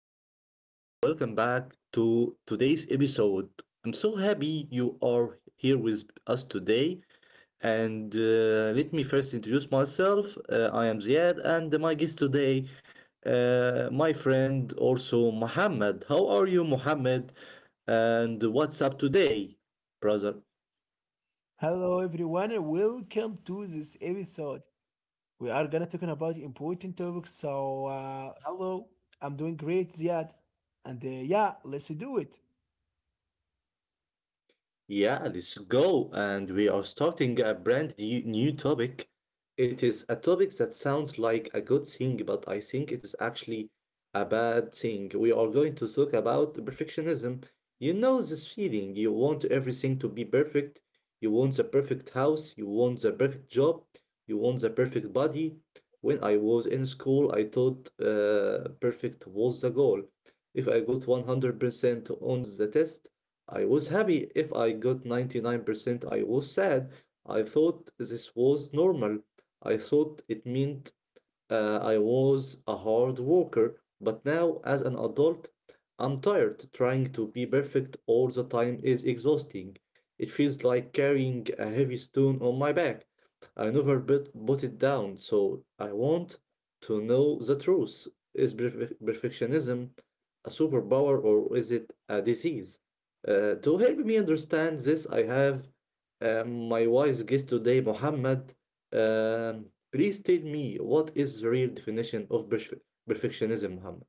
everyone, and welcome back to today's episode. I'm so happy you are here with us today. And Let me first introduce myself. I am Ziad, and my guest today, my friend, also Mohammed. How are you, Mohammed? And what's up today, brother? Hello everyone and welcome to this episode. We are gonna talking about important topics. So hello, I'm doing great, Ziad, and yeah, let's do it. Yeah, let's go. And we are starting a brand new topic. It is a topic that sounds like a good thing, but I think it is actually a bad thing. We are going to talk about perfectionism. You know this feeling. You want everything to be perfect. You want the perfect house. You want the perfect job. You want the perfect body. When I was in school, I thought perfect was the goal. If I got 100% on the test, I was happy if I got 99%. I was sad. I thought this was normal. I thought it meant I was a hard worker, but now as an adult, I'm tired. Trying to be perfect all the time is exhausting. It feels like carrying a heavy stone on my back. I never put it down, so I want to know the truth. Is perfectionism a superpower or is it a disease? To help me understand this, I have my wise guest today, Mohammed. Um, Please tell me, what is the real definition of perfectionism, Muhammad?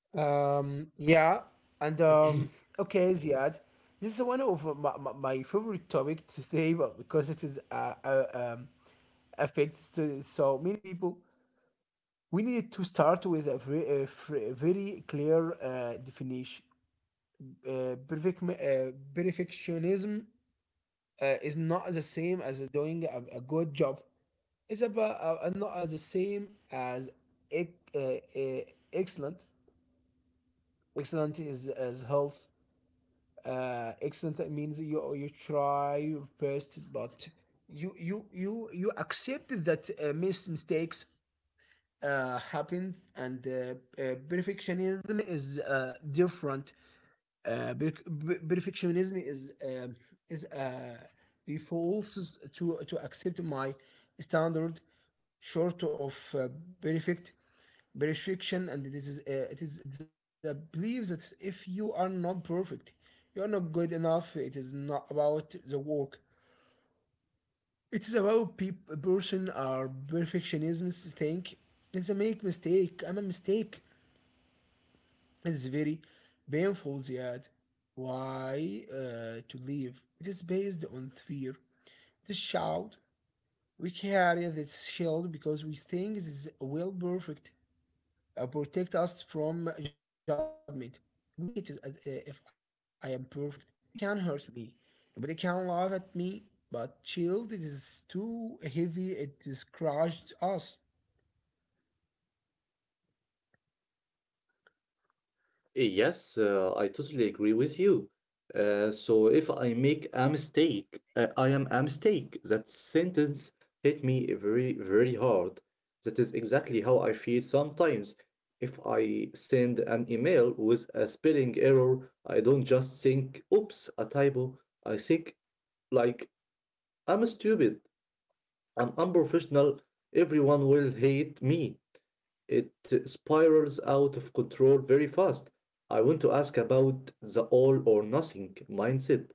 Yeah, and okay, Ziad, this is one of my favorite topic today, but because it is affects to so many people. We need to start with a very, very clear definition. Uh, perfect, uh, Perfectionism is not the same doing a good job. It's about not the same as ec- uh, uh, excellent. Excellent is as health. Excellent means you try your best, but you accept that mistakes happen, and perfectionism is different. Perfectionism is refuses to accept my standard short of perfect perfection, and this is it's a belief that if you are not perfect, you are not good enough. It is not about the work. It is about peop person or perfectionists think. It's a make mistake. It's very painful that why to leave. It is based on fear. This shout we carry this shield because we think it is will perfect, protect us from judgment. We think it is if I am perfect, nobody can hurt me, nobody can laugh at me. But shield it is too heavy. It is crushed us. Yes, I totally agree with you. So if I make a mistake, I am a mistake. That sentence hit me very, very hard. That is exactly how I feel sometimes. If I send an email with a spelling error, I don't just think, oops, a typo. I think, like, I'm stupid. I'm unprofessional. Everyone will hate me. It spirals out of control very fast. I want to ask about the all or nothing mindset.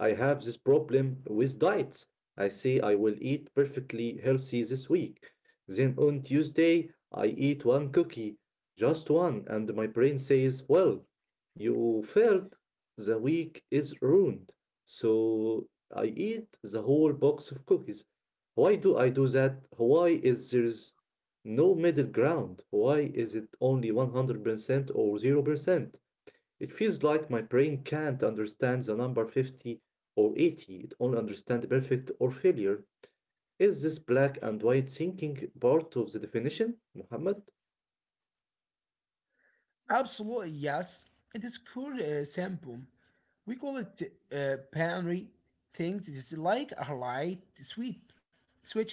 I have this problem with diets. I say I will eat perfectly healthy this week. Then on Tuesday, I eat one cookie, just one, and my brain says, well, you failed. The week is ruined. So I eat the whole box of cookies. Why do I do that? Why is there no middle ground? Why is it only 100% or 0%? It feels like my brain can't understand the number 50 or 80. It only understands perfect or failure. Is this black and white thinking part of the definition, Muhammad? Absolutely, yes. It is called sampo. We call it pantry things. It's like a light sweet switch.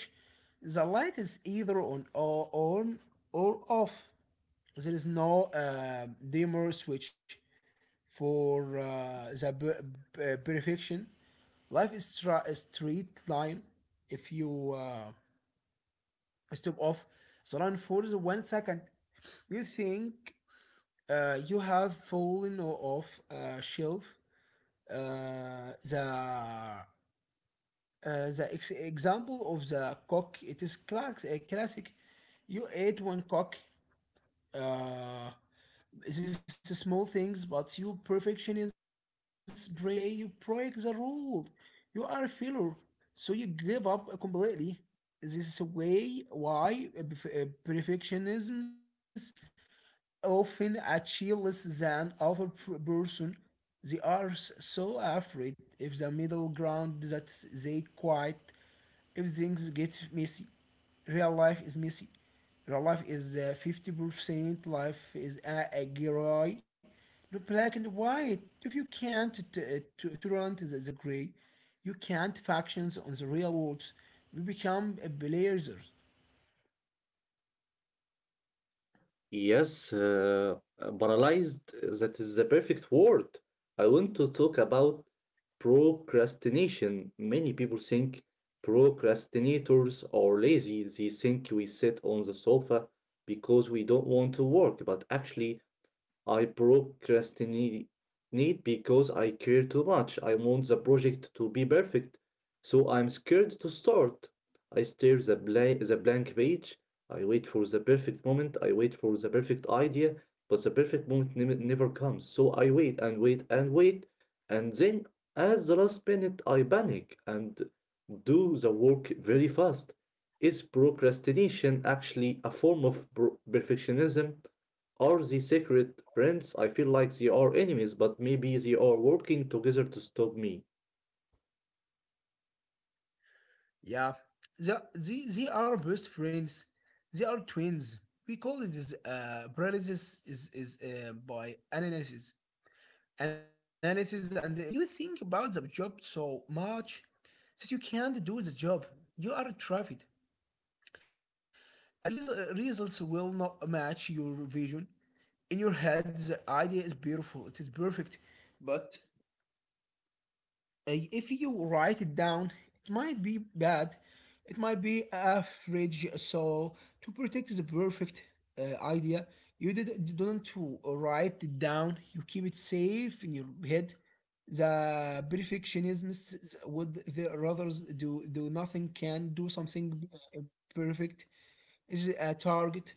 The light is either on or off. There is no dimmer switch for perfection. Life is a straight line. If you stop off the line for the 1 second, you think you have fallen off a shelf. Uh, uh, the example of the cock it is a classic. You ate one cock. Uh, this is small things, but you perfectionism's brain say you break the rule. You are a failure, so you give up completely. This is a way why perfectionism often achieve than other person. They are so afraid of the middle ground that they quite. If things get messy. Real life is messy. Real life is 50% life is a gray, no black and white. If you can't turn to the gray, you can't factions on the real world. We become blazers. Yes, banalized, that is the perfect word. I want to talk about procrastination. Many people think procrastinators are lazy. They think we sit on the sofa because we don't want to work, but actually, I procrastinate because I care too much. I want the project to be perfect, so I'm scared to start. I stare the blank page. I wait for the perfect moment. I wait for the perfect idea, but the perfect moment never comes. So I wait and wait and wait, and then at the last minute I panic and do the work very fast. Is procrastination actually a form of perfectionism? Are they secret friends? I feel like they are enemies, but maybe they are working together to stop me. Yeah, they are best friends. They are twins. We call it is paralysis is by analysis, and you think about the job so much that you can't do the job. You are trafficked. As it results will not match your vision in your head. The idea is beautiful. It is perfect, but if you write it down, it might be bad, it might average. So to protect the perfect idea, you don't to write it down. You keep it safe in your head. The perfectionists would the others do nothing can do something perfect is a target.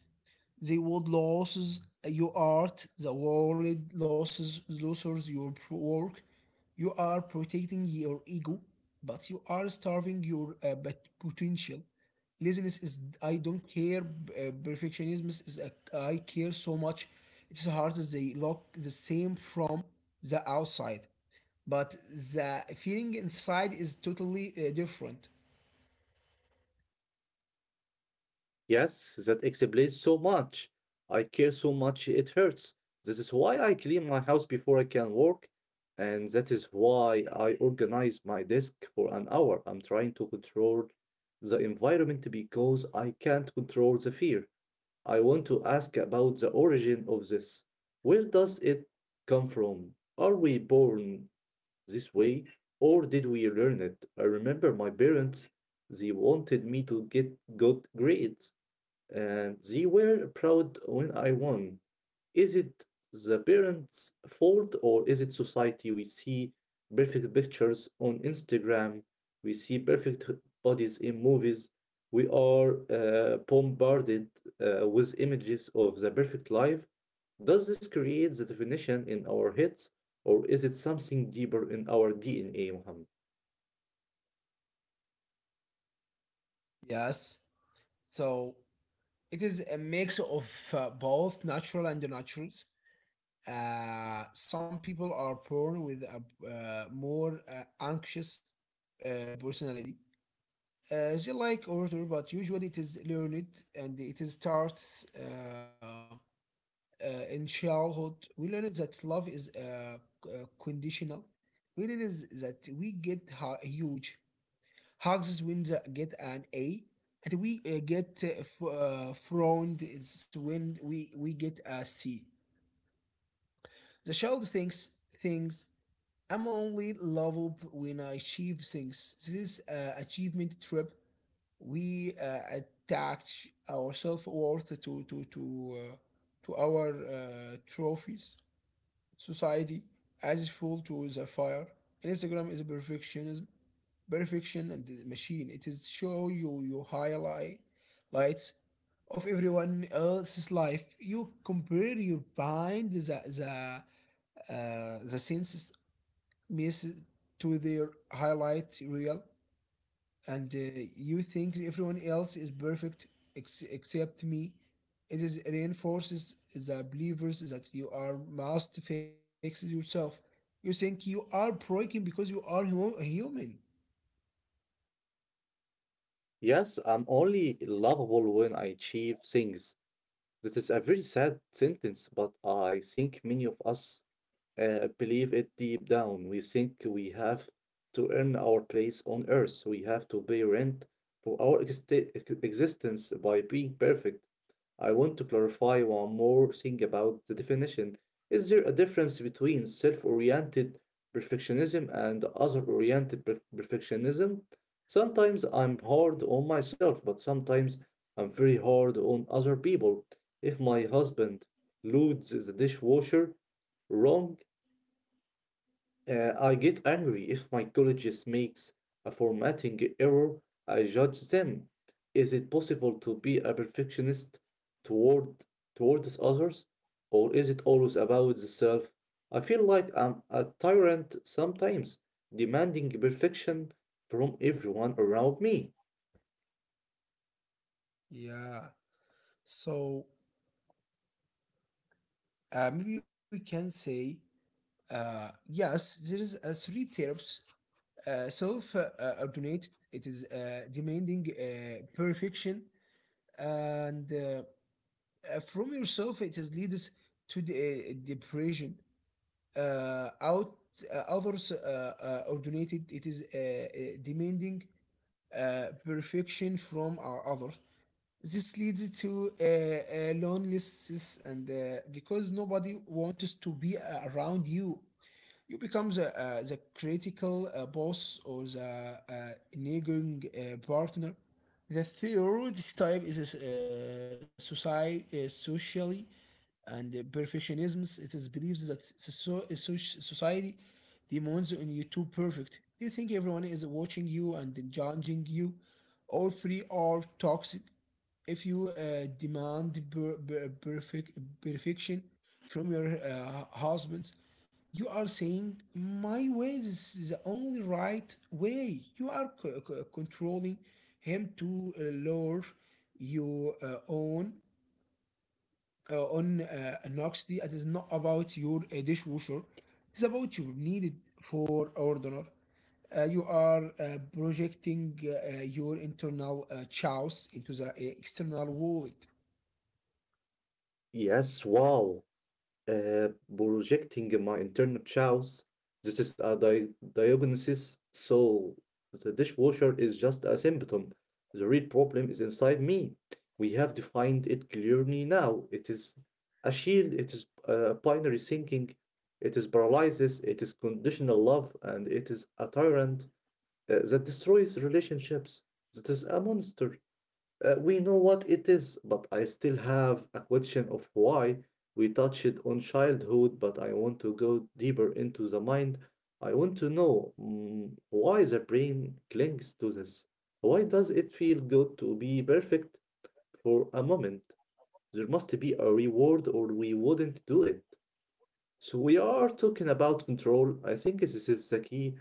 They would lose your art, the world loses your work. You are protecting your ego, but you are starving your potential. Laziness is I don't care. Perfectionism is a, I care so much. It's hard as they look the same from the outside, but the feeling inside is totally different. Yes, that explains so much. I care so much it hurts. This is why I clean my house before I can work, and that is why I organize my desk for an hour. I'm trying to control the environment because I can't control the fear. I want to ask about the origin of this. Where does it come from? Are we born this way, or did we learn it? I remember my parents, they wanted me to get good grades, and they were proud when I won. Is it the parents' fault or is it society? We see perfect pictures on Instagram, we see perfect bodies in movies. We are bombarded with images of the perfect life. Does this create the definition in our heads or is it something deeper in our DNA, Muhammad? Yes. So it is a mix of both natural and naturals. Some people are born with a more anxious personality. They like order, but usually it is learned and it is starts in childhood. We learn that love is conditional. We learn is that we get huge. Hugs wins get an A, and we get frowned. It's when we get a C. The child thinks things. I'm only level when I achieve things. This achievement trip, we attach our self worth to our trophies society as full to the fire. Instagram is a perfection and the machine. It is show you your highlight lights of everyone else's life. You compare your mind the senses miss to their highlight reel and you think everyone else is perfect except me. It is reinforces the believers that you are must fix yourself. You think you are broken because you are human. Yes, I'm only lovable when I achieve things. This is a very sad sentence, but I think many of us believe it deep down. We think we have to earn our place on earth. We have to pay rent for our existence by being perfect. I want to clarify one more thing about the definition. Is there a difference between self oriented perfectionism and other oriented perfectionism? Sometimes I'm hard on myself, but sometimes I'm very hard on other people. If my husband loads the dishwasher wrong, I get angry if my colleagues makes a formatting error. I judge them. Is it possible to be a perfectionist toward towards others, or is it always about the self? I feel like I'm a tyrant sometimes, demanding perfection from everyone around me. Yeah. So maybe we can say, yes, there is a three tips. Self ordinate. It is demanding perfection and from yourself. It is leads to depression out others originated it is demanding perfection from our others this leads to loneliness and because nobody wants to be around you you become the critical boss or the nagging partner. The third type is socially and perfectionism. It is believed that society demands on you to perfect. You think everyone is watching you and judging you. All three are toxic if you demand perfection from your husbands you are saying my way is the only right way. You are controlling him to lower your own on Noxty. It is not about your dishwasher. It's about your needed for order. You are projecting your internal chaos into the external wallet. Yes, wow. uh, Projecting my internal chaos. This is a diagnosis, so the dishwasher is just a symptom. The real problem is inside me. We have defined it clearly now. It is a shield, it is a binary thinking, it is paralysis, it is conditional love, and it is a tyrant that destroys relationships. That is a monster. We know what it is, but I still have a question of why. We touched on childhood, but I want to go deeper into the mind. I want to know, why the brain clings to this. Why does it feel good to be perfect for a moment? There must be a reward, or we wouldn't do it. So, we are talking about control. I think this is the key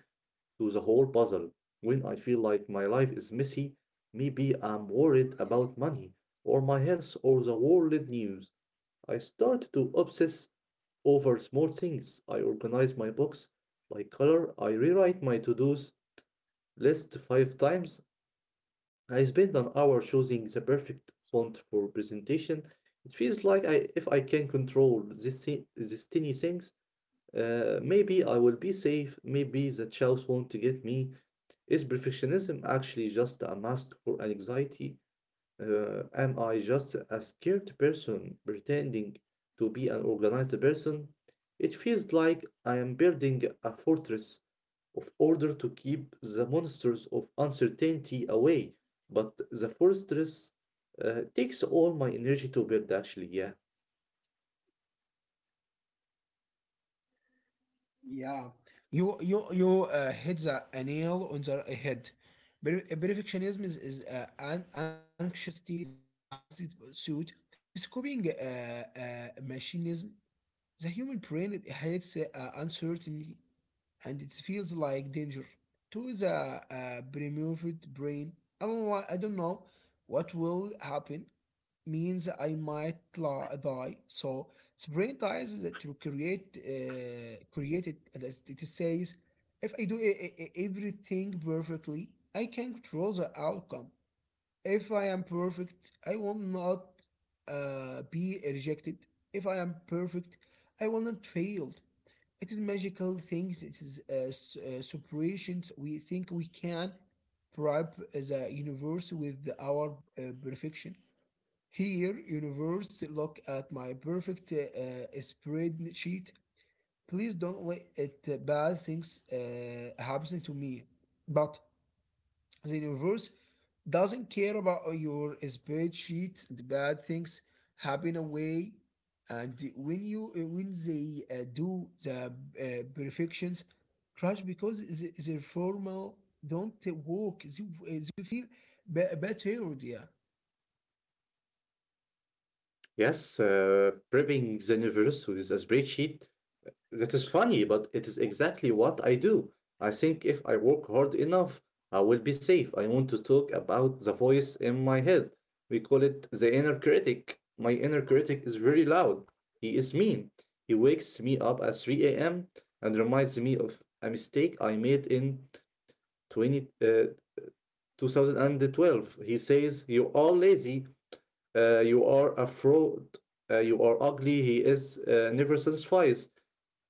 to the whole puzzle. When I feel like my life is messy, maybe I'm worried about money or my health or the world news. I start to obsess over small things. I organize my books by color. I rewrite my to dos list 5 times. I spend an hour choosing the perfect font for presentation. It feels like I, if I can control this, this tiny things, maybe I will be safe. Maybe the chows won't get me. Is perfectionism actually just a mask for anxiety? Am I just a scared person pretending to be an organized person? It feels like I am building a fortress of order to keep the monsters of uncertainty away, but the fortress takes all my energy to build, actually, yeah. Yeah. You hit the a nail on the head. Perfectionism is an anxiety. It is a fancy suit. It's copying machinism. The human brain it hates uncertainty, and it feels like danger. To the primitive brain, I don't know what will happen means I might die. So sprint dies is that to create it, and as it says, if I do everything perfectly, I can control the outcome. If I am perfect, I will not be rejected. If I am perfect, I will not fail. It is magical things. It is separations. We think we can bribe the universe with our perfection. Here, universe, look at my perfect spreadsheet. Please don't let it bad things happen to me. But the universe doesn't care about your spreadsheet. The bad things happen away. And when you when they do the perfections, crash because the formal don't they feel better. Yeah. Yes, prepping the universe with a spreadsheet. That is funny, but it is exactly what I do. I think if I work hard enough, I will be safe. I want to talk about the voice in my head. We call it the inner critic. My inner critic is very loud. He is mean. He wakes me up at 3 a.m. and reminds me of a mistake I made in 20, uh, 2012. He says, you are lazy. You are a fraud. You are ugly. He is never satisfied.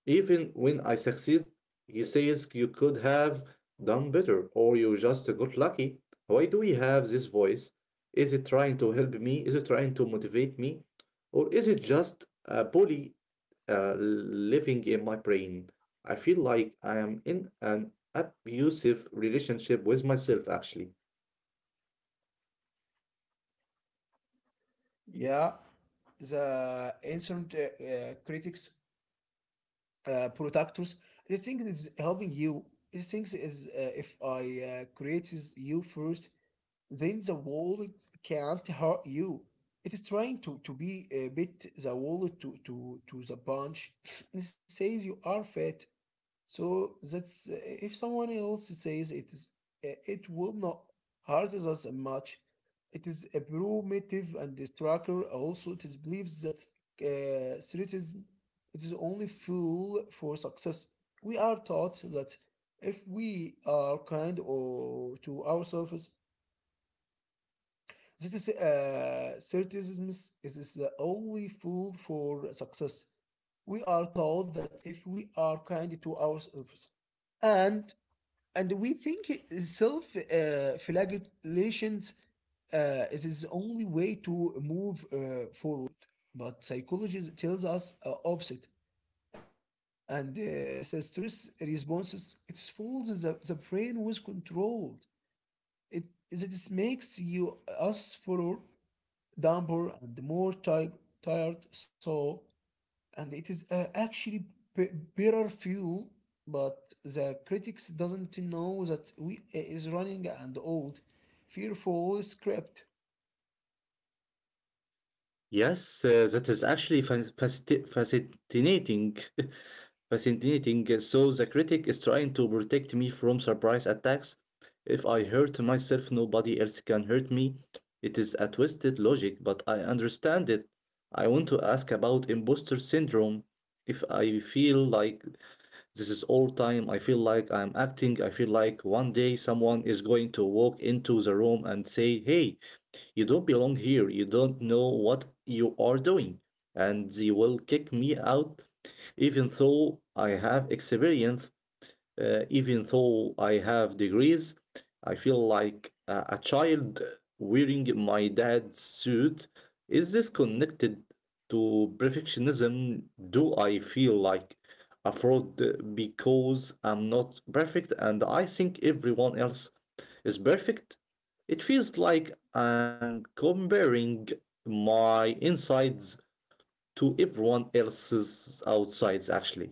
Even when I succeed, he says you could have done better or you just got lucky. Why do we have this voice? Is it trying to help me? Is it trying to motivate me? Or is it just a bully living in my brain? I feel like I am in an abusive relationship with myself, actually. Yeah, the ancient critics, protectors, this thing is helping you. This thing is create you first, then the wallet can't hurt you. It is trying to be a bit the wallet to the punch. It says you are fat, so that's eh, if someone else says it is, eh, it will not hurt us much. It is a primitive and destructive. Also, it is believes that threatism it is only fuel for success. We are taught that if we are kind or to ourselves, this is certicism is the only fool for success. We are told that if we are kind to ourselves, and and we think self flagellation is the only way to move forward. But psychology tells us opposite. And the stress responses, it falls in the brain was controlled. It, it just makes you us follow damper and more tired. So, and it is actually b- better fuel, but the critics doesn't know that we is running and old, fearful script. Yes, that is actually fascinating. Fascinating. So the critic is trying to protect me from surprise attacks. If I hurt myself, nobody else can hurt me. It is a twisted logic, but I understand it. I want to ask about imposter syndrome. If I feel like this is all time, I feel like I'm acting, I feel like one day someone is going to walk into the room and say, hey, you don't belong here. You don't know what you are doing. And they will kick me out even though I have experience, even though I have degrees, I feel like a child wearing my dad's suit. Is this connected to perfectionism? Do I feel like a fraud because I'm not perfect and I think everyone else is perfect? It feels like I'm comparing my insides to everyone else's outsides, actually.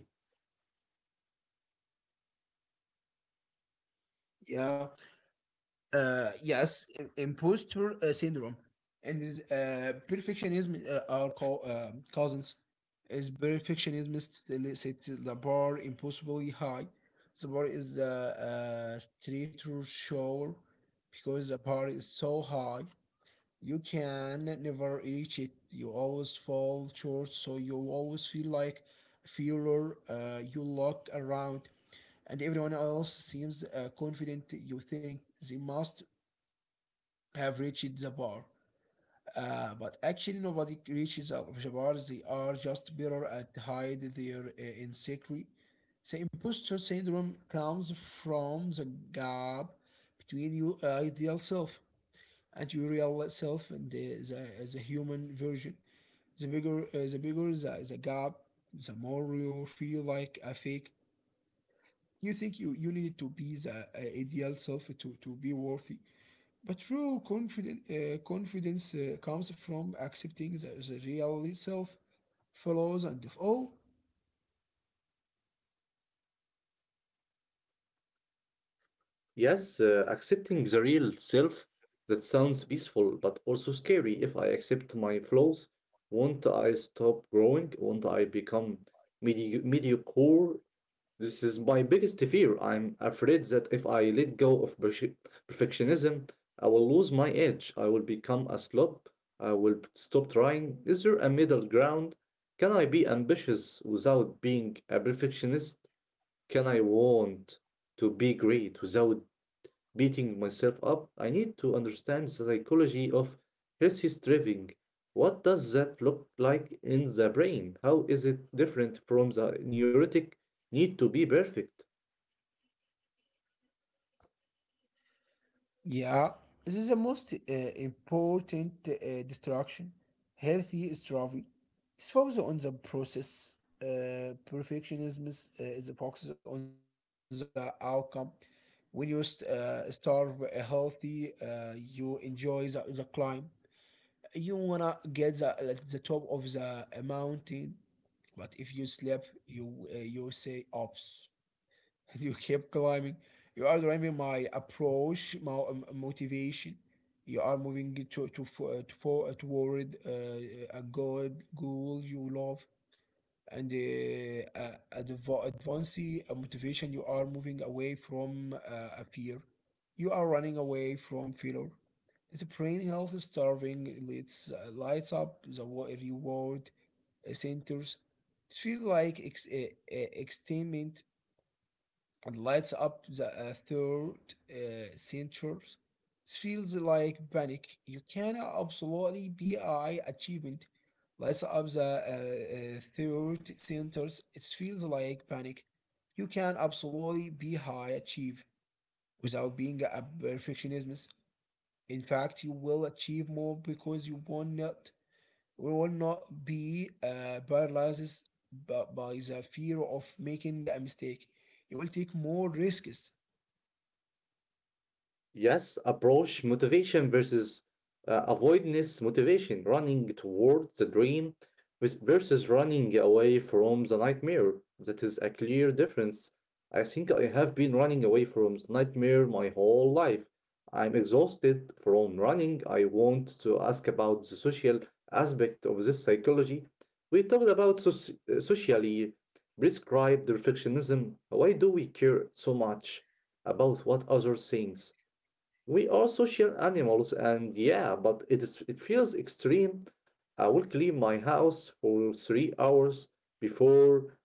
Yeah, yes, imposter syndrome and perfectionism are cousins. Is perfectionism still sets the bar impossibly high? The bar is a straight or shore because the bar is so high. You can never reach it. You always fall short, so you always feel like a failure. You look around and everyone else seems confident you think they must have reached the bar. But actually, nobody reaches the bar. They are just better at hide their insecurity. The imposter syndrome comes from the gap between your ideal self and your real self, and the human version. The bigger the gap, the more you feel like a fake. You need to be the ideal self to be worthy but confidence comes from accepting the real self, flaws, and of all. Yes, accepting the real self, that sounds peaceful but also scary. If I accept my flaws, won't I stop growing? Won't I become mediocre? This is my biggest fear. I'm afraid that if I let go of perfectionism, I will lose my edge. I will become a slob. I will stop trying. Is there a middle ground? Can I be ambitious without being a perfectionist? Can I want to be great without beating myself up? I need to understand the psychology of healthy striving. What does that look like in the brain? How is it different from the neurotic need to be perfect? Yeah, this is the most important distraction. Healthy travel is focused on the process. Perfectionism is focused on the outcome. When you start healthy, you enjoy the climb. You wanna get the top of the mountain. But if you sleep, you you say ops, and you keep climbing. You are driving my approach, my motivation. You are moving to for, to forward toward a goal you love, and advance a motivation. You are moving away from a fear. You are running away from failure. It's brain health starving lights lights up the reward centers. It feels like extainment and lights up the third centuries. It feels like panic. You can absolutely BI achievement. Lights up the third centers. It feels like panic. You can absolutely be high achieve without being a perfectionist. In fact, you will achieve more because you will not be paralyzed by the fear of making a mistake. You will take more risks. Yes, approach motivation versus avoidance motivation, running towards the dream versus running away from the nightmare. That is a clear difference. I think I have been running away from the nightmare my whole life. I'm exhausted from running. I want to ask about the social aspect of this psychology. We talked about socially prescribed perfectionism. Why do we care so much about what others think? We also share animals, and yeah, but it feels extreme. I will clean my house for 3 hours before,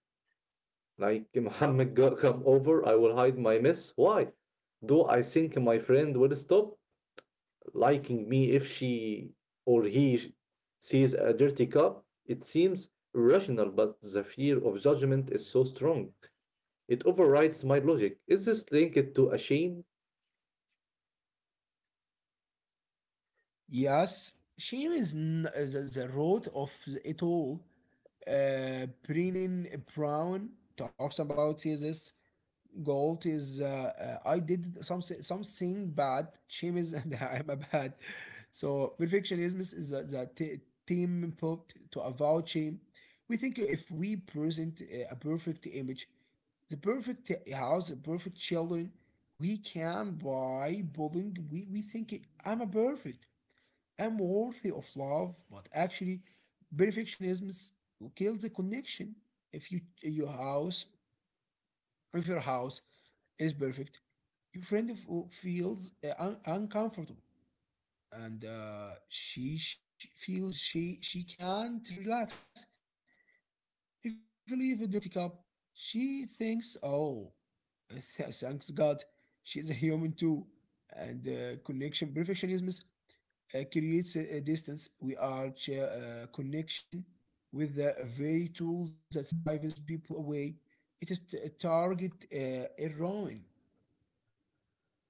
like, come over. I will hide my mess. Why? Do I think my friend will stop liking me if she or he sh- sees a dirty cup? It seems irrational, but the fear of judgment is so strong. It overrides my logic. Is this linked to a shame? Yes, shame is the root of it all. Brennan Brown talks about is this guilt is I did something bad. Shame is that I'm a bad. So perfectionism is the team put to avoid shame. We think if we present a perfect image, the perfect house, the perfect children, we can buy building. We think I'm a perfect am worthy of love, but actually, perfectionism kills the connection. If you your house, if your house is perfect, your friend feels uncomfortable, and she feels she can't relax. If you leave a dirty cup, she thinks, "Oh, thanks God, she's a human too." And connection perfectionism creates a distance. We are connection with the very tool that drives people away. It is target a ruin.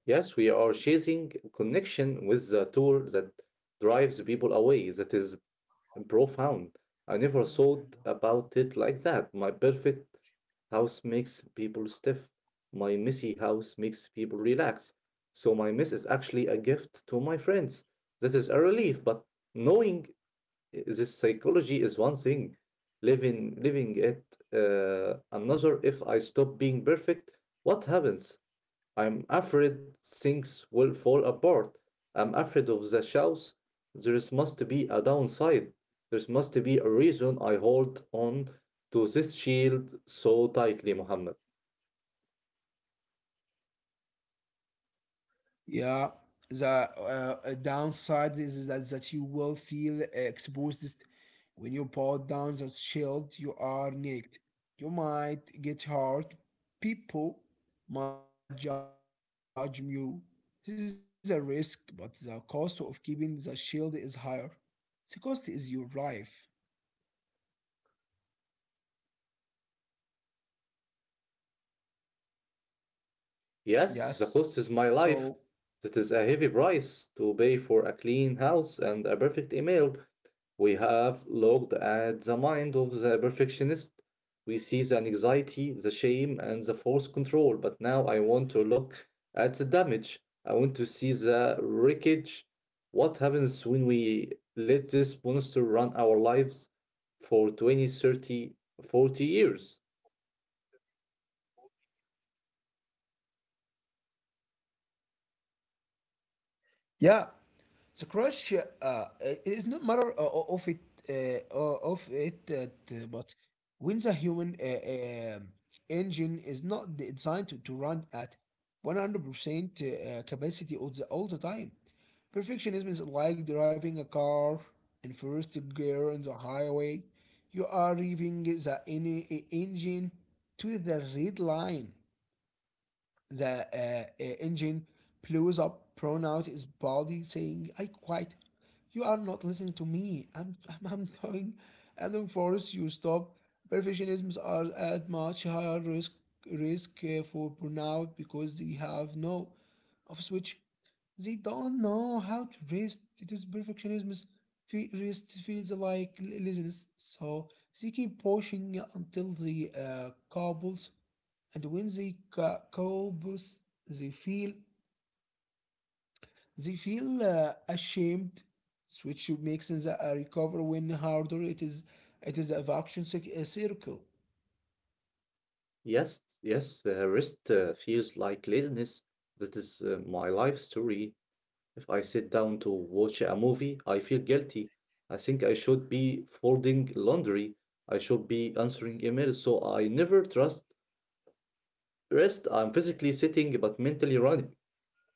Yes, we are chasing connection with the tool that drives people away. That is profound. I never thought about it like that. My perfect house makes people stiff. My messy house makes people relax. So my mess is actually a gift to my friends. This is a relief, but knowing this psychology is one thing. Living it another. If I stop being perfect, what happens? I'm afraid things will fall apart. I'm afraid of the shows. Must be a downside. There must be a reason I hold on to this shield so tightly, Muhammad. Yeah, the downside is that you will feel exposed when you pull down the shield. You are naked. You might get hurt. People might judge you. This is a risk, but the cost of keeping the shield is higher. The cost is your life. Yes. Yes, So the cost is my life. That is a heavy price to pay for a clean house and a perfect email. We have looked at the mind of the perfectionist. We see the anxiety, the shame, and the forced control. But now I want to look at the damage. I want to see the wreckage. What happens when we let this monster run our lives for 20, 30, 40 years? yeah, the crush it not matter of it, but when the human engine is not designed to run at 100% capacity all all the time. Perfectionism is like driving a car in first gear on the highway. You are revving the engine to the red line. The engine blows up, thrown out his body, I quit. You are not listening to me. I'm going. I'm doing force. You stop. Perfectionisms are at much higher risk for burnout because they have no off switch. They don't know how to rest. It is perfectionism. Is Rest feels like laziness, so they keep pushing until the cobbles, and when they couples they feel they feel ashamed, so which makes them recover when harder. It is it is a action a circle. Yes, the rest feels like laziness. That is my life story. If I sit down to watch a movie, I feel guilty. I think I should be folding laundry. I should be answering emails. So I never trust rest. I'm physically sitting but mentally running.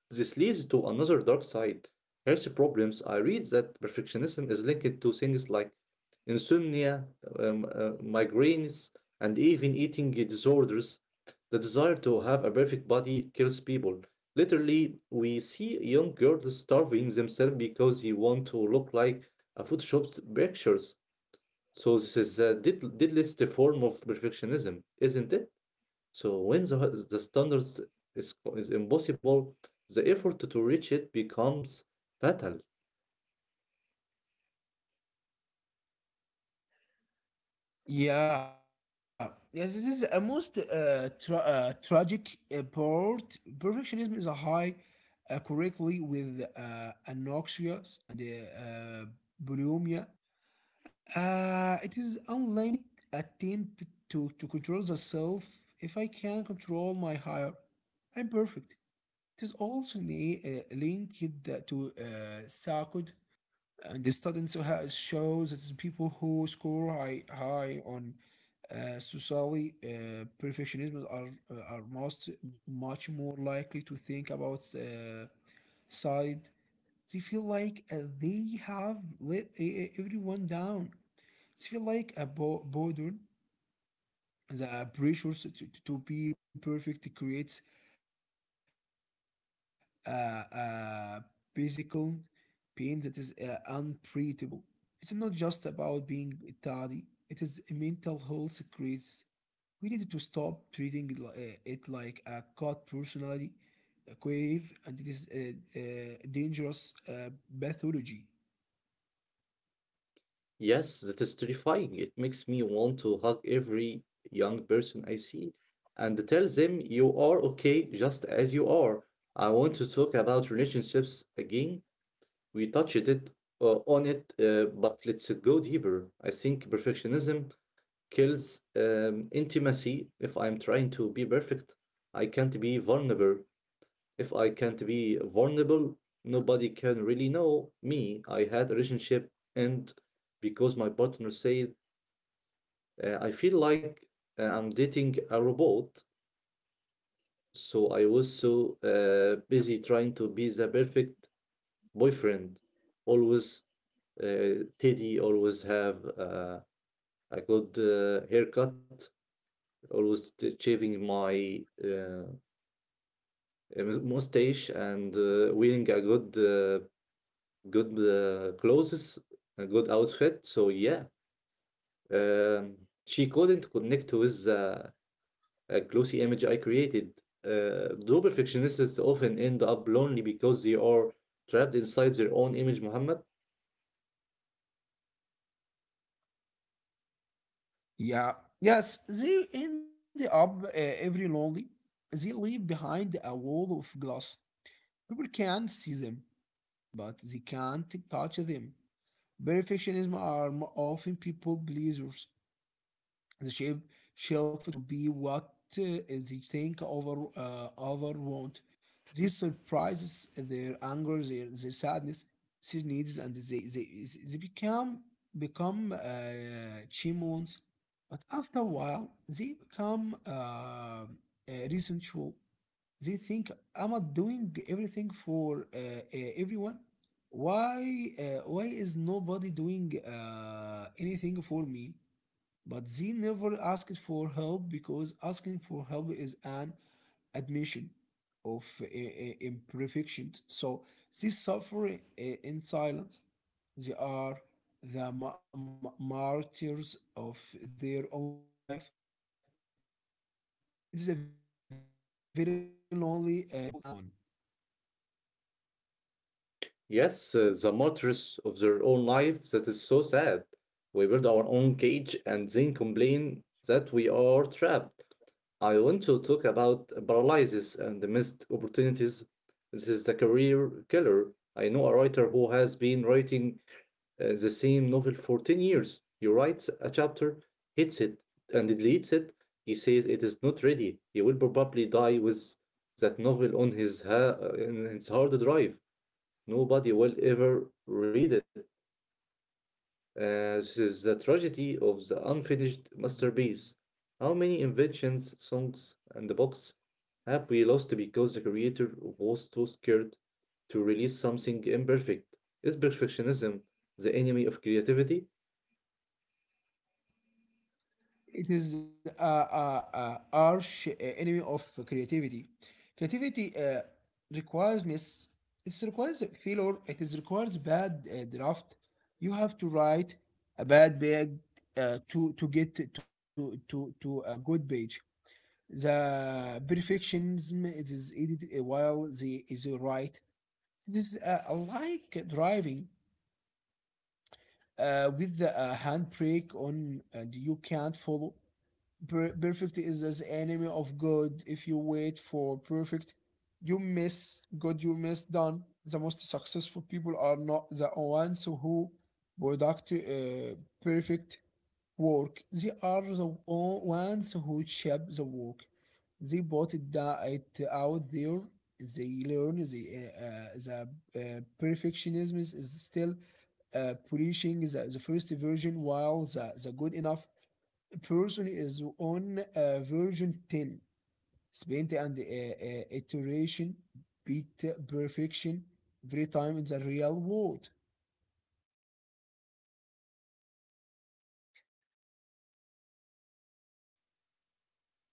This leads to another dark side: health problems. I read that perfectionism is linked to things like insomnia, migraines, and even eating disorders. The desire to have a perfect body kills people. Literally, we see young girls starving themselves because they want to look like a Photoshop pictures. So this is a deadliest form of perfectionism, isn't it? So when the standards is impossible, the effort to reach it becomes fatal. Yeah, yes, this is a most tragic part. Perfectionism is a high correctly with anoxia and bulimia. It is unlimited attempt to control the self. If I can control my higher, I'm perfect. Also linked to Sakud, and the studies has shows that the people who score high on socially perfectionism are most much more likely to think about side. They feel like they have let everyone down. It feel like a burden. The pressure to be perfect creates a, a physical pain that is unbreathable. It's not just about being tardy. It is a mental health crisis. We need to stop treating it it like a cult personality, a queer, and it is a dangerous pathology. Yes, that is terrifying. It makes me want to hug every young person I see and tell them you are okay just as you are. I want to talk about relationships again. We touched it on it, but let's go deeper. I think perfectionism kills intimacy. If I'm trying to be perfect, I can't be vulnerable. If I can't be vulnerable, nobody can really know me. I had a relationship, and because my partner said, I feel like I'm dating a robot. So I was so busy trying to be the perfect boyfriend. Always Teddy, always have a good haircut, always shaving my mustache and wearing a good clothes, a good outfit. So yeah, um, she couldn't connect with a glossy image I created. Though perfectionists often end up lonely because they are trapped inside their own image, Muhammad. Yeah. Yes, they end up every lonely. They leave behind a wall of glass. People can see them, but they can't touch them. Perfectionism are often people pleasers, the shape shelf to be what they think over want. This surprises their anger, their sadness, their needs, and they become demons. But after a while, they become resentful. They think I'm not doing everything for everyone. Why is nobody doing anything for me? But Z never asked for help because asking for help is an admission of imperfections. So they suffer in silence. They are the martyrs of their own life. It is a very lonely pedestal to stand on. Yes, the martyrs of their own life, that is so sad. We build our own cage and then complain that we are trapped. I want to talk about paralysis and the missed opportunities. This is the career killer. I know a writer who has been writing the same novel for 10 years. He writes a chapter, hits it, and deletes it. He says it is not ready. He will probably die with that novel on in his hard drive. Nobody will ever read it. This is the tragedy of the unfinished masterpiece. How many inventions, songs, and books have we lost because the creator was too scared to release something imperfect? Is perfectionism the enemy of creativity? It is a arch enemy of creativity. Creativity requires miss. It requires failure. It is requires bad draft. You have to write a bad page to get to a good page. The perfectionism it is aided while the is right. This is like driving with the handbrake on, and you can't follow. Perfect is as enemy of God. If you wait for perfect, you miss God, you miss done. Most successful people are not the ones who product perfect work. They are the ones who shape the work. They put it, it out there. They learn the, perfectionism is still polishing the first version, while the good enough person is on version 10. Spent and iteration beat perfection every time in the real world.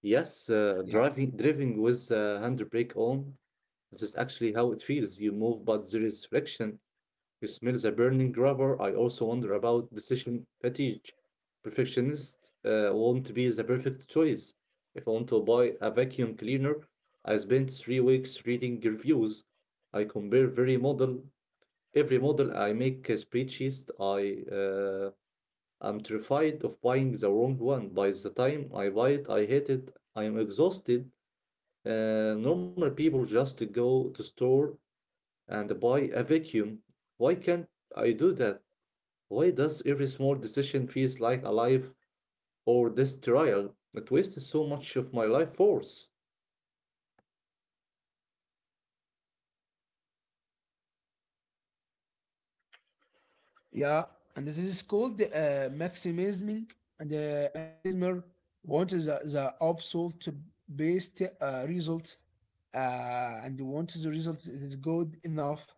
Yes, driving with a handbrake on. This is actually how it feels. You move, but there is friction. You smell the burning rubber. I also wonder about decision fatigue. Perfectionists want to be the perfect choice. If I want to buy a vacuum cleaner, I spend 3 weeks reading reviews. I compare very model every model. I make a spreadsheet. I am terrified of buying the wrong one. By the time I buy it, I hate it. I am exhausted. Normal people just go to store and buy a vacuum. Why can't I do that? Why does every small decision feels like a life or this trial? It wastes so much of my life force. Yeah, and this is called maximizing. And maximismer wants the absolute best result, uh, and wants the result is good enough.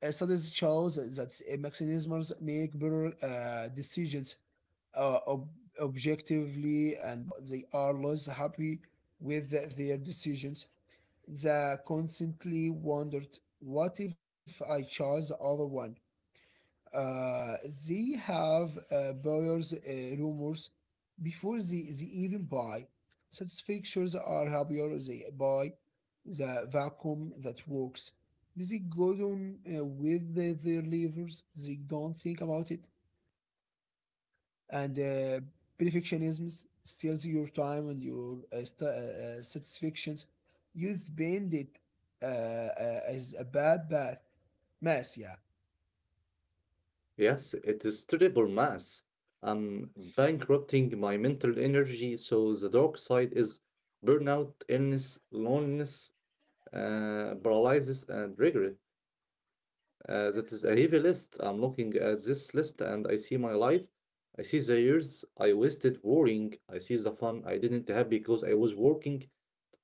Studies show that maximismers make better decisions, uh, ob- objectively, and but they are less happy with their decisions. They constantly wondered, "What if I chose the other one?" Uh, they have buyers rumors before they even buy. Satisfactions are happier they buy the vacuum that works. They go on with the- their levers, they don't think about. And perfectionism steals your time and your satisfactions. You spend it as a bad mess, yeah. Yes, it is terrible mass. I'm bankrupting my mental energy, so the dark side is burnout, illness, loneliness, paralysis, and regret. That is a heavy list. I'm looking at this list and I see my life. I see the years I wasted worrying. I see the fun I didn't have because I was working.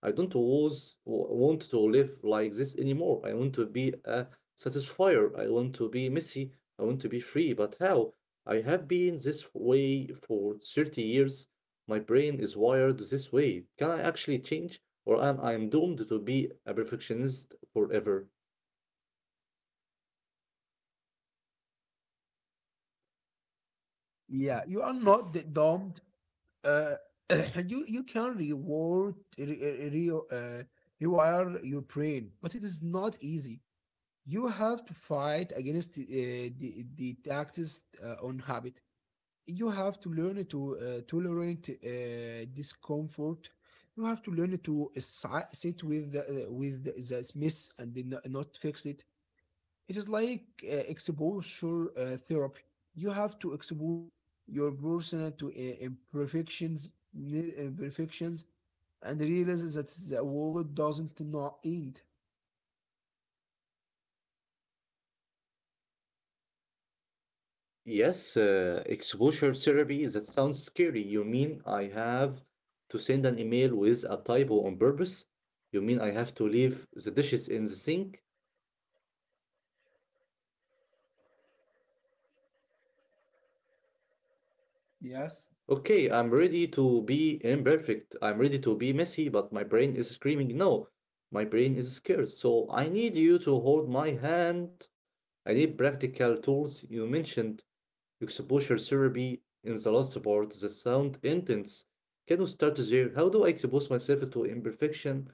I don't was, w- want to live like this anymore. I want to be a satisfier. I want to be messy. I want to be free. But how? I have been this way for 30 years. My brain is wired this way. Can I actually change? Or am I doomed to be a perfectionist forever? Yeah, you are not dumb. Uh, you can reward rewire your brain, but it is not easy. You have to fight against the taxes on habit. You have to learn to tolerate discomfort. You have to learn to sit with with the mess and then not fix it. It is like exposure therapy. You have to expose your person to imperfections, and realize that the world doesn't not end. Yes, exposure therapy, that sounds scary. You mean I have to send an email with a typo on purpose? You mean I have to leave the dishes in the sink? Yes, Okay, I'm ready to be imperfect. I'm ready to be messy, but my brain is screaming and no. My brain is scared, so I need you to hold my hand. I need practical tools. You mentioned exposure therapy in the last part, the sound intense. Can we start there? How do I expose myself to imperfection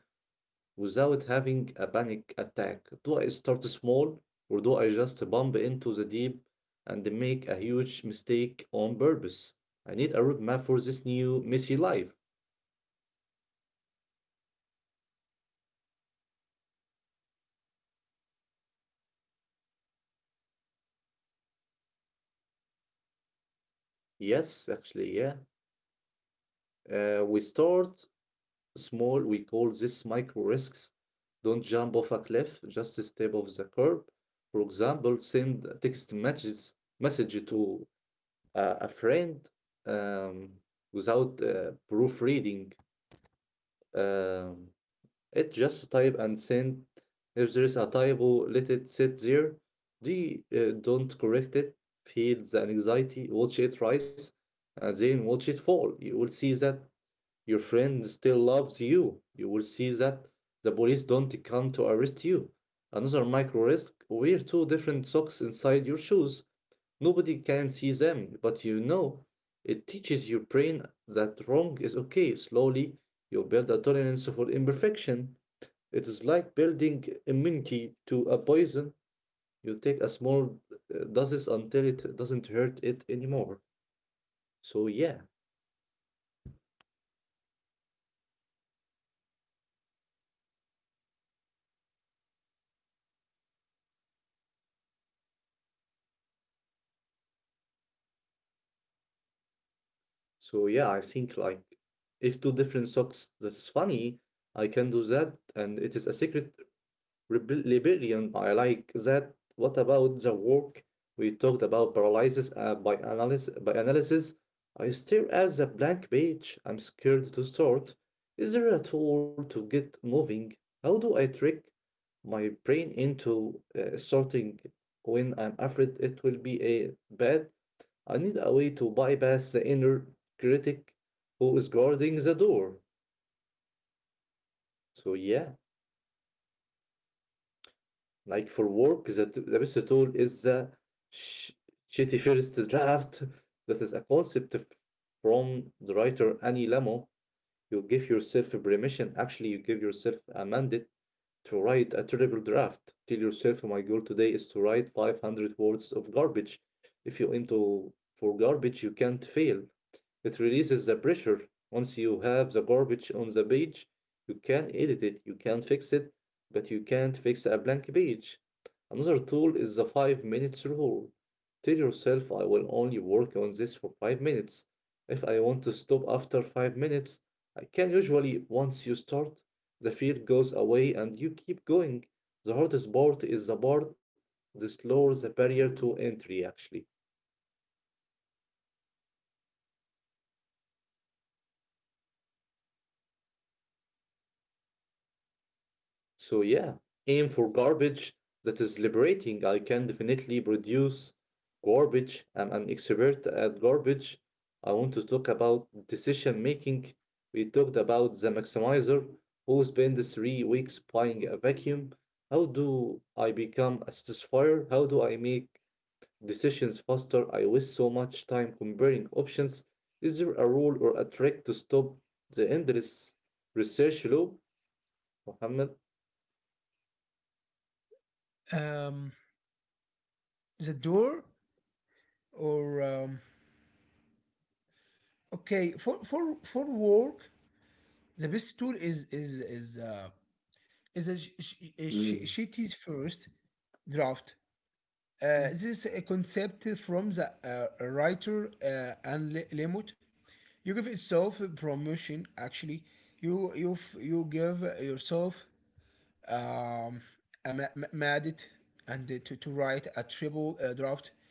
without having a panic attack? Do I start small, or do I just bump into the deep and make a huge mistake on purpose? I need a roadmap for this new messy life. Yes, actually, yeah. We start small, we call this micro risks. Don't jump off a cliff, just step off the curb. For example, send a text message to a friend um, without proofreading. Um, It just type and send. If there is a typo, let it sit there. Don't correct it. Feel the anxiety, watch it rise, and then watch it fall. You will see that your friend still loves you. You will see that the police don't come to arrest you. Another micro risk: wear two different socks inside your shoes. Nobody can see them, but you know. It teaches your brain that wrong is okay. Slowly, you build a tolerance for imperfection. It is like building immunity to a poison. You take a small doses until it doesn't hurt it anymore. So yeah, so yeah, I think like if two different socks, that's funny, I can do that, and it is a secret rebellion. I like that. What about the work? We talked about paralysis by analysis. I stare at the blank page. I'm scared to start. Is there a tool to get moving? How do I trick my brain into starting when I'm afraid it will be a bad? I need a way to bypass the inner critic who is guarding the door. So yeah. Like for work, the best tool is the sh- shitty first draft. This is a concept from the writer Annie Lamont. You give yourself a permission. Actually, you give yourself a mandate to write a terrible draft. Tell yourself, "Oh, my goal today is to write 500 words of garbage." If you aim to for garbage, you can't fail. It releases the pressure. Once you have the garbage on the page, you can edit it, you can fix it, but you can't fix a blank page. Another tool is the 5 minutes rule. Tell yourself, I will only work on this for 5 minutes. If I want to stop after 5 minutes, I can usually, once you start, the fear goes away and you keep going. The hardest part is the part that lowers the barrier to entry, actually. So yeah, aim for garbage, that is liberating. I can definitely produce garbage. I'm an expert at garbage. I want to talk about decision making. We talked about the maximizer who spends 3 weeks buying a vacuum. How do I become a satisfier? How do I make decisions faster? I waste so much time comparing options. Is there a rule or a trick to stop the endless research loop, Mohammed? um, the door or okay for for work the best tool is a sh- sh- a sh- Mm. shitty's first draft. This is a concept from the writer lemot. You give itself a promotion. Actually, you give yourself um, amended and to write a triple draft.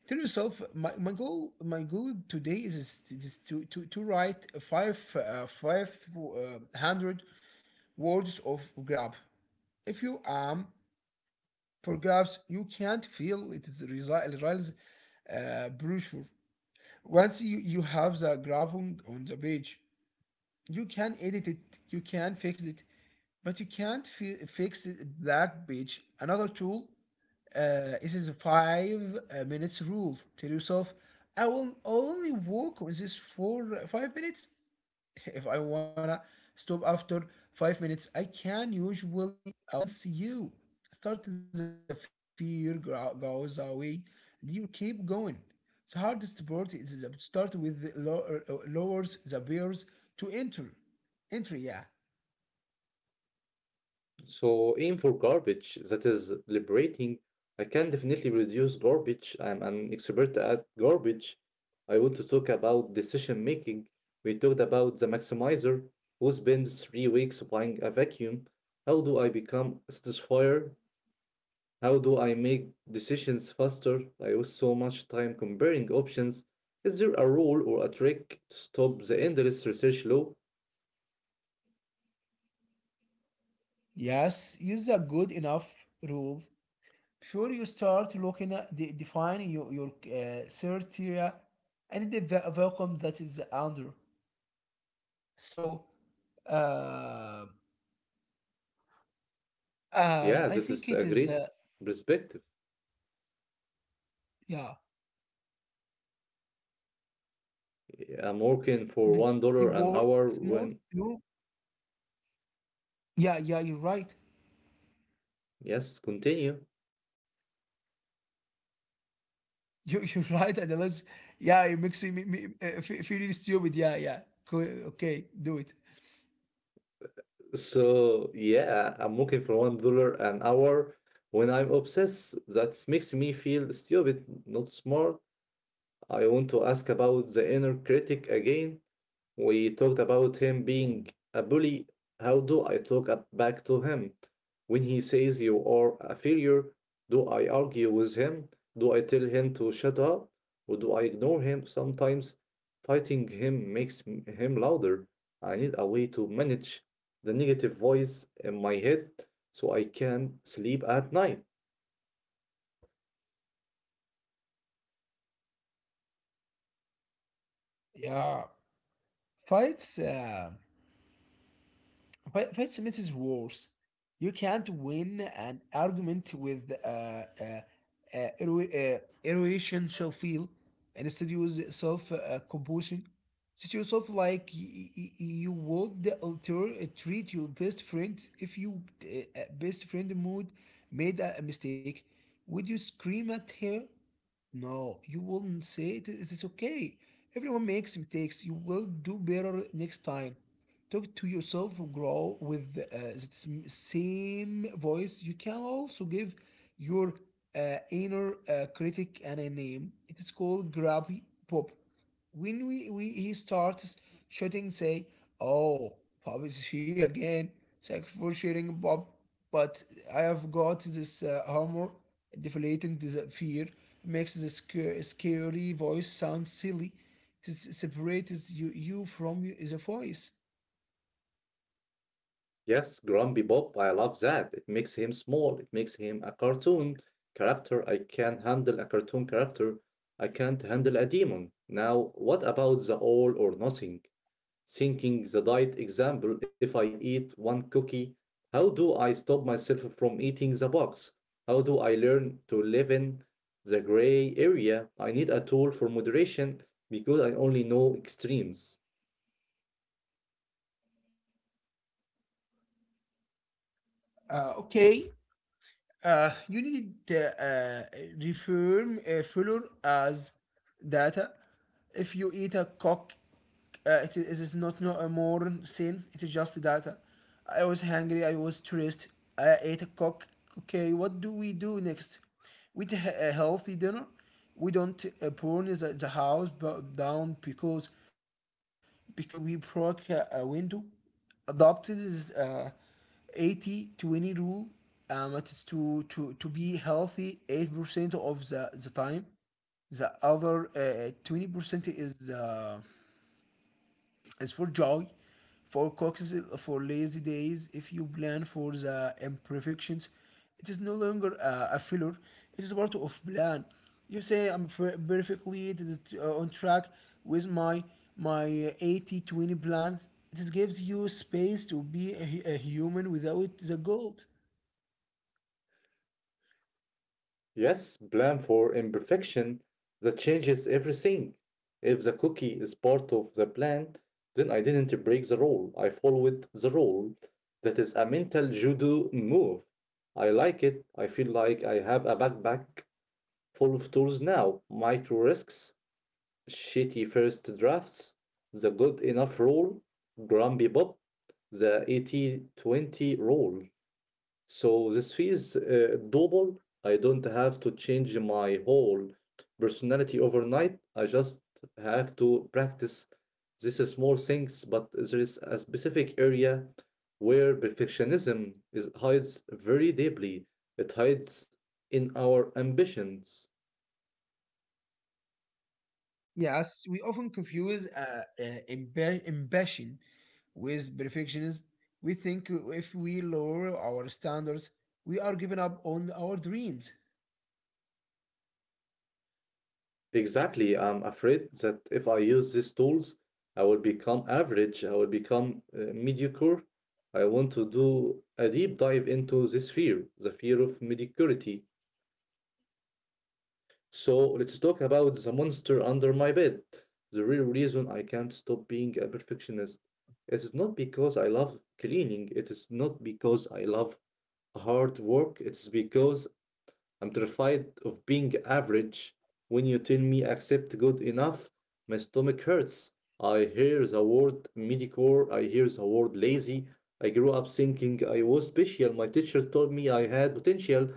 Tell yourself, my goal today is to write five hundred words of grab. If you for grabs, you can't feel it is real brochure. Once you have the grabbing on the page, you can edit it, you can fix it, but you can't fix it, black page. Another tool. It is a five minutes rule. Tell yourself, I will only walk with this for 5 minutes. If I wanna stop after 5 minutes, I can usually once you start the fear goes away, and you keep going. The hardest part is the start with the low, lowers the barriers to enter. Entry, yeah. So aim for garbage, that is liberating. I can definitely reduce garbage. I'm an expert at garbage. I want to talk about decision making. We talked about the maximizer who spends 3 weeks buying a vacuum. How do I become a satisfier? How do I make decisions faster? I waste so much time comparing options. Is there a rule or a trick to stop the endless research loop? Yes, use a good enough rule. Sure, you start looking at defining your criteria and the vacuum that is under. So, uh, Yeah, I that think is it a is, great perspective. yeah, I'm working that you for one worth dollar more. an You, hour when yeah, you're right. yes, continue. You're right, and let's, yeah, you're making me feel stupid. Yeah. Cool. Okay, do it. So yeah, I'm working for $1 an hour when I'm obsessed. That makes me feel stupid, not smart. I want to ask about the inner critic again. We talked about him being a bully. How do I talk back to him? When he says you are a failure, do I argue with him? Do I tell him to shut up? Or do I ignore him? Sometimes fighting him makes him louder. I need a way to manage the negative voice in my head so I can sleep at night. Yeah, fights. Wait, wait a minute is worse. You can't win an argument with ero- uh, erosion shall feel, and instead use self composition. Treat yourself like you would alter treat your best friend. If your best friend mood made a mistake, would you scream at her? No, you wouldn't say it. It is it's okay. Everyone makes mistakes. You will do better next time. Talk to yourself, grow with the same voice. You can also give your inner critic a name. It is called Grabby Pop. When we he starts shooting, say, "Oh, Bob is here again. Thanks for sharing, Bob. But I have got this armor." Deflating the fear makes the sc scary voice sound silly. It separates you from the voice. Yes, Grumpy Bob, I love that. It makes him small. It makes him a cartoon character. I can handle a cartoon character. I can't handle a demon. Now, what about the all or nothing? Thinking the diet example, if I eat one cookie, how do I stop myself from eating the box? How do I learn to live in the gray area? I need a tool for moderation because I only know extremes. Okay. You need reform failure as data. If you eat a cock, it is not a moral sin. It is just data. I was hungry. I was stressed. I ate a cock. Okay, what do we do next? We eat a healthy dinner. We don't burn the house down because we broke a window, adopted this 80 20 rule. It's to be healthy 8% of the time. The other 20% is as for joy, for coxes, for lazy days. If you plan for the imperfections, it is no longer a failure. It is of plan. You say I'm perfectly it is, on track with my 80/20 plans. This gives you space to be a human without the gold. Yes, blame for imperfection that changes everything. If the cookie is part of the plan, then I didn't break the rule. I followed the rule. That is a mental judo move. I like it. I feel like I have a backpack full of tools now. Micro risks, shitty first drafts, the good enough rule, Grumpy Bob, the 80/20 rule. So this feels doable. I don't have to change my whole personality overnight. I just have to practice these small things, but there is a specific area where perfectionism is hides very deeply. It hides in our ambitions. Yes, we often confuse ambition with perfectionism. We think if we lower our standards, we are giving up on our dreams. Exactly. I'm afraid that if I use these tools, I will become average, I will become mediocre. I want to do a deep dive into this fear, the fear of mediocrity. So let's talk about the monster under my bed. The real reason I can't stop being a perfectionist. It is not because I love cleaning, it is not because I love hard work, it is because I'm terrified of being average. When you tell me accept good enough, my stomach hurts. I hear the word mediocre, I hear the word lazy. I grew up thinking I was special. My teachers told me I had potential.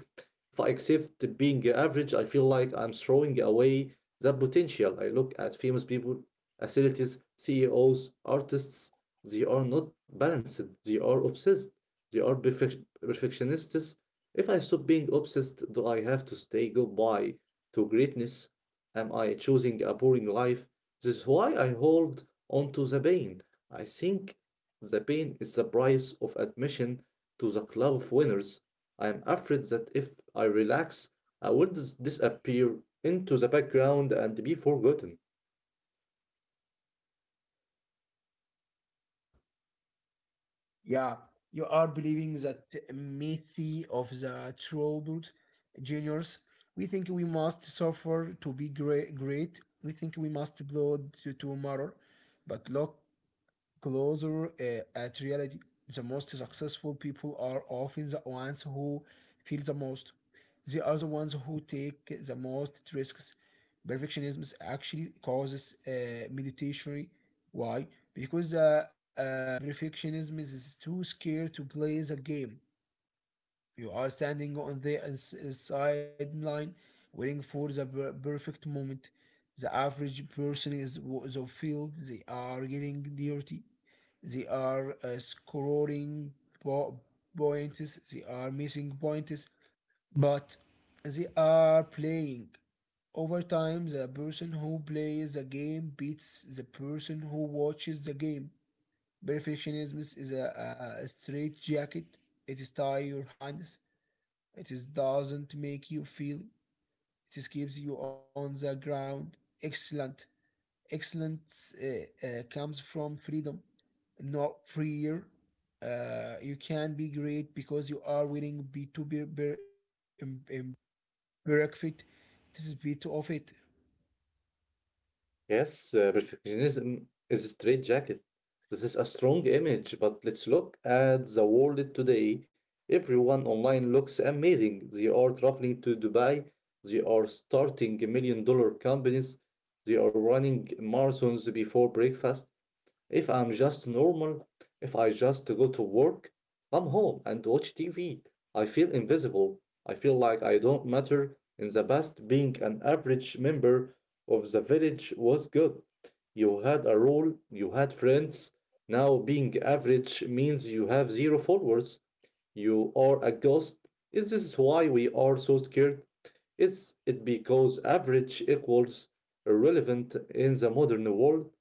If I accept being average, I feel like I'm throwing away that potential. I look at famous people, athletes, CEOs, artists. They are not balanced. They are obsessed. They are perfectionists. If I stop being obsessed, do I have to say goodbye to greatness? Am I choosing a boring life? This is why I hold on to the pain. I think the pain is the price of admission to the club of winners. I am afraid that if I relax, I will disappear into the background and be forgotten. Yeah, you are believing that myth of the troubled genius. We think we must suffer to be great. Think we must blow to matter. But look closer at reality. The most successful people are often the ones who feel the most. They are the ones who take the most. Perfectionism actually causes meditation. Why? Because perfectionism is too scared to play the game. You are standing on the sideline waiting for the perfect moment. The average person is the field. They are getting dirty. They are scoring po- points. They are missing points. But they are playing. Over time, the person who plays the game beats the person who watches the game. Perfectionism is a straight jacket. It is tie your hands. It is doesn't make you feel. It keeps you on the ground. Excellent. Excellence comes from freedom, not fear. You can be great because you are willing be to perfect. This is bit of it. Yes, perfectionism is a straitjacket. This is a strong image, but let's look at the world today. Everyone online looks amazing. They are traveling to Dubai, they are starting million dollar companies, they are running marathons before breakfast. If I'm just normal, if I just go to work, come home and watch TV, I feel invisible. I feel like I don't matter. In the past, being an average member of the village was good. You had a role, you had friends. Now, being average means you have zero followers. You are a ghost. Is this why we are so scared? Is it because average equals irrelevant in the modern world.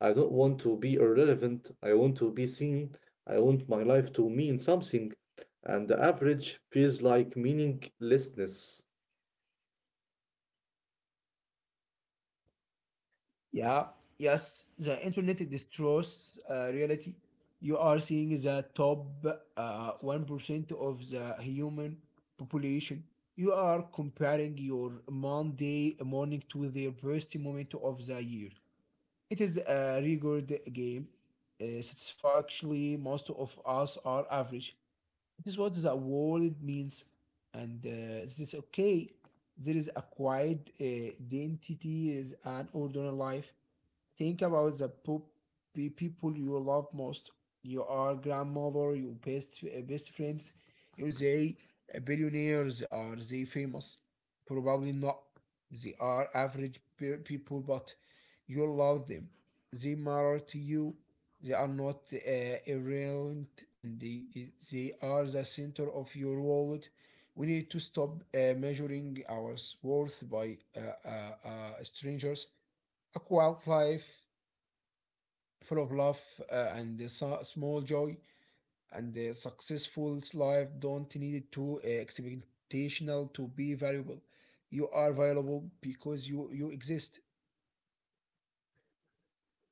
I don't want to be irrelevant. I want to be seen. I want my life to mean something. And the average feels like meaninglessness. Yeah, yes, the internet destroys reality. You are seeing the top 1% of the human population. You are comparing your Monday morning to the best moment of the year. It is a record game. Satisfactorily, most of us are average. This is what the world means, and this is okay. There is a quiet identity, is an ordinary life. Think about the people you love most. Your grandmother, your best friends. Are they billionaires? Are they famous? Probably not. They are average people, but you love them. They matter to you. They are not irrelevant, and they are the center of your world. We need to stop measuring our worth by strangers. A quiet life full of love and the small joy and a successful life don't need it to expectational to be valuable. You are valuable because you exist.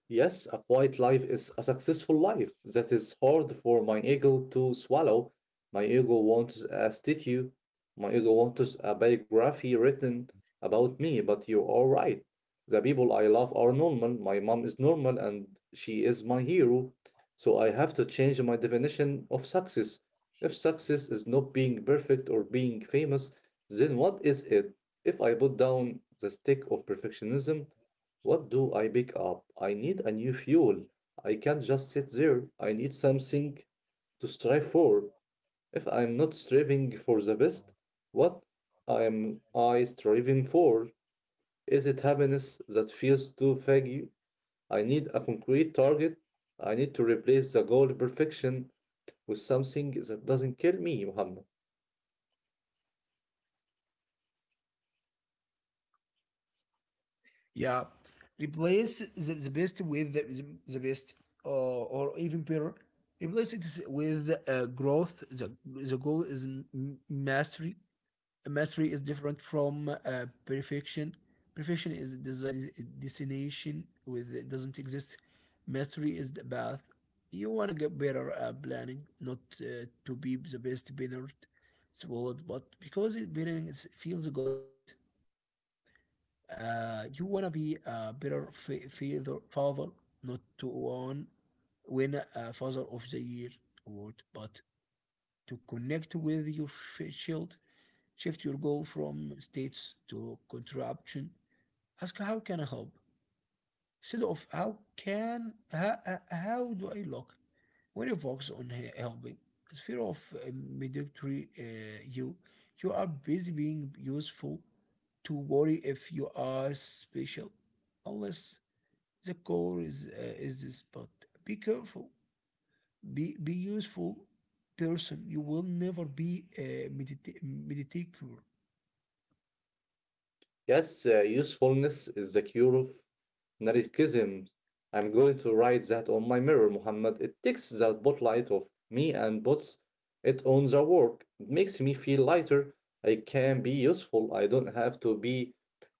Yes, a quiet life is a successful life. That is hard for my ego to swallow. My ego wants a statue. My ego wants a biography written about me, but you are right. The people I love are normal. My mom is normal and she is my hero. So I have to change my definition of success. If success is not being perfect or being famous, then what is it? If I put down the stick of perfectionism, what do I pick up? I need a new fuel. I can't just sit there. I need something to strive for. If I'm not striving for the best, what am I striving for? Is it happiness that feels too vague? I need a concrete target. I need to replace the goal perfection with something that doesn't kill me, Muhammad. Yeah, replace the best with the best, or even better, replace it with growth. The goal is mastery. Mastery is different from perfection. Perfection is it is a destination with it doesn't exist. Path. You wanna get better at planning, not to be the best beginner swallowed, but because it beginning feels good. You wanna be a better father, not to one win a father of the year award, but to connect with your child. Shift your goal from states to contraption. Ask, how can I help? Instead of how do I look? When you focus on helping, the fear of mediocrity, you are busy being useful to worry if you are special, unless the core is this. But be careful, be useful person. You will never be a mediocre. Yes, usefulness is the cure of narcissism. I'm going to write that on my mirror, Muhammad. It takes the spotlight off me and puts it on the work. It makes me feel lighter. I can be useful. I don't have to be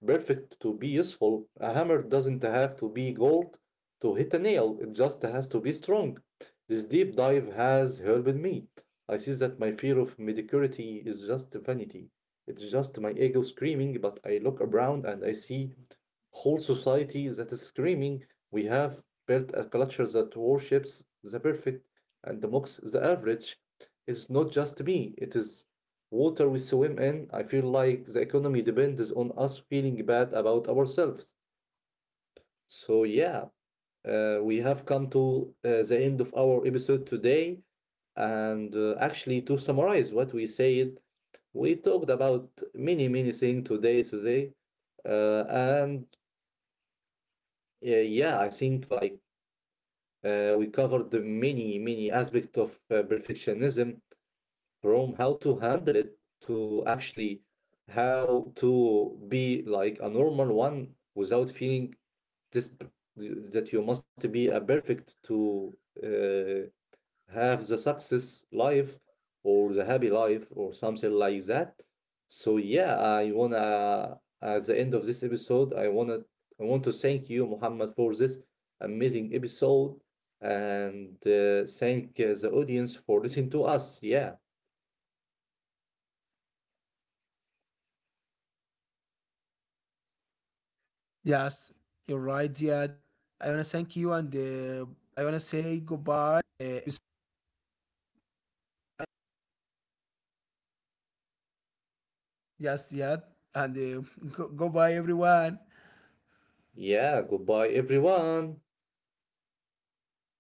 perfect to be useful. A hammer doesn't have to be gold to hit a nail. It just has to be strong. This deep dive has helped me. I see that my fear of mediocrity is just vanity. It's just my ego screaming, but I look around and I see whole society that is screaming. We have built a culture that worships the perfect and mocks the average. It's not just me, it is water we swim in. I feel like the economy depends on us feeling bad about ourselves. So, yeah, we have come to the end of our episode today. And actually, to summarize what we said, we talked about many, many things today, and yeah, I think we covered the many, many aspects of perfectionism, from how to handle it to actually how to be like a normal one without feeling this that you must be a perfect to uh, have the success life or the happy life or something like that. So yeah, I wanna at the end of this episode, I want to thank you, Muhammad, for this amazing episode and thank the audience for listening to us. Yeah, Yes, you're right, Ziad. I wanna thank you, and I wanna say goodbye and next you in next episode, Ziad. Goodbye. yeah. Yes, Goodbye, Ziad, and everyone. Goodbye, everyone.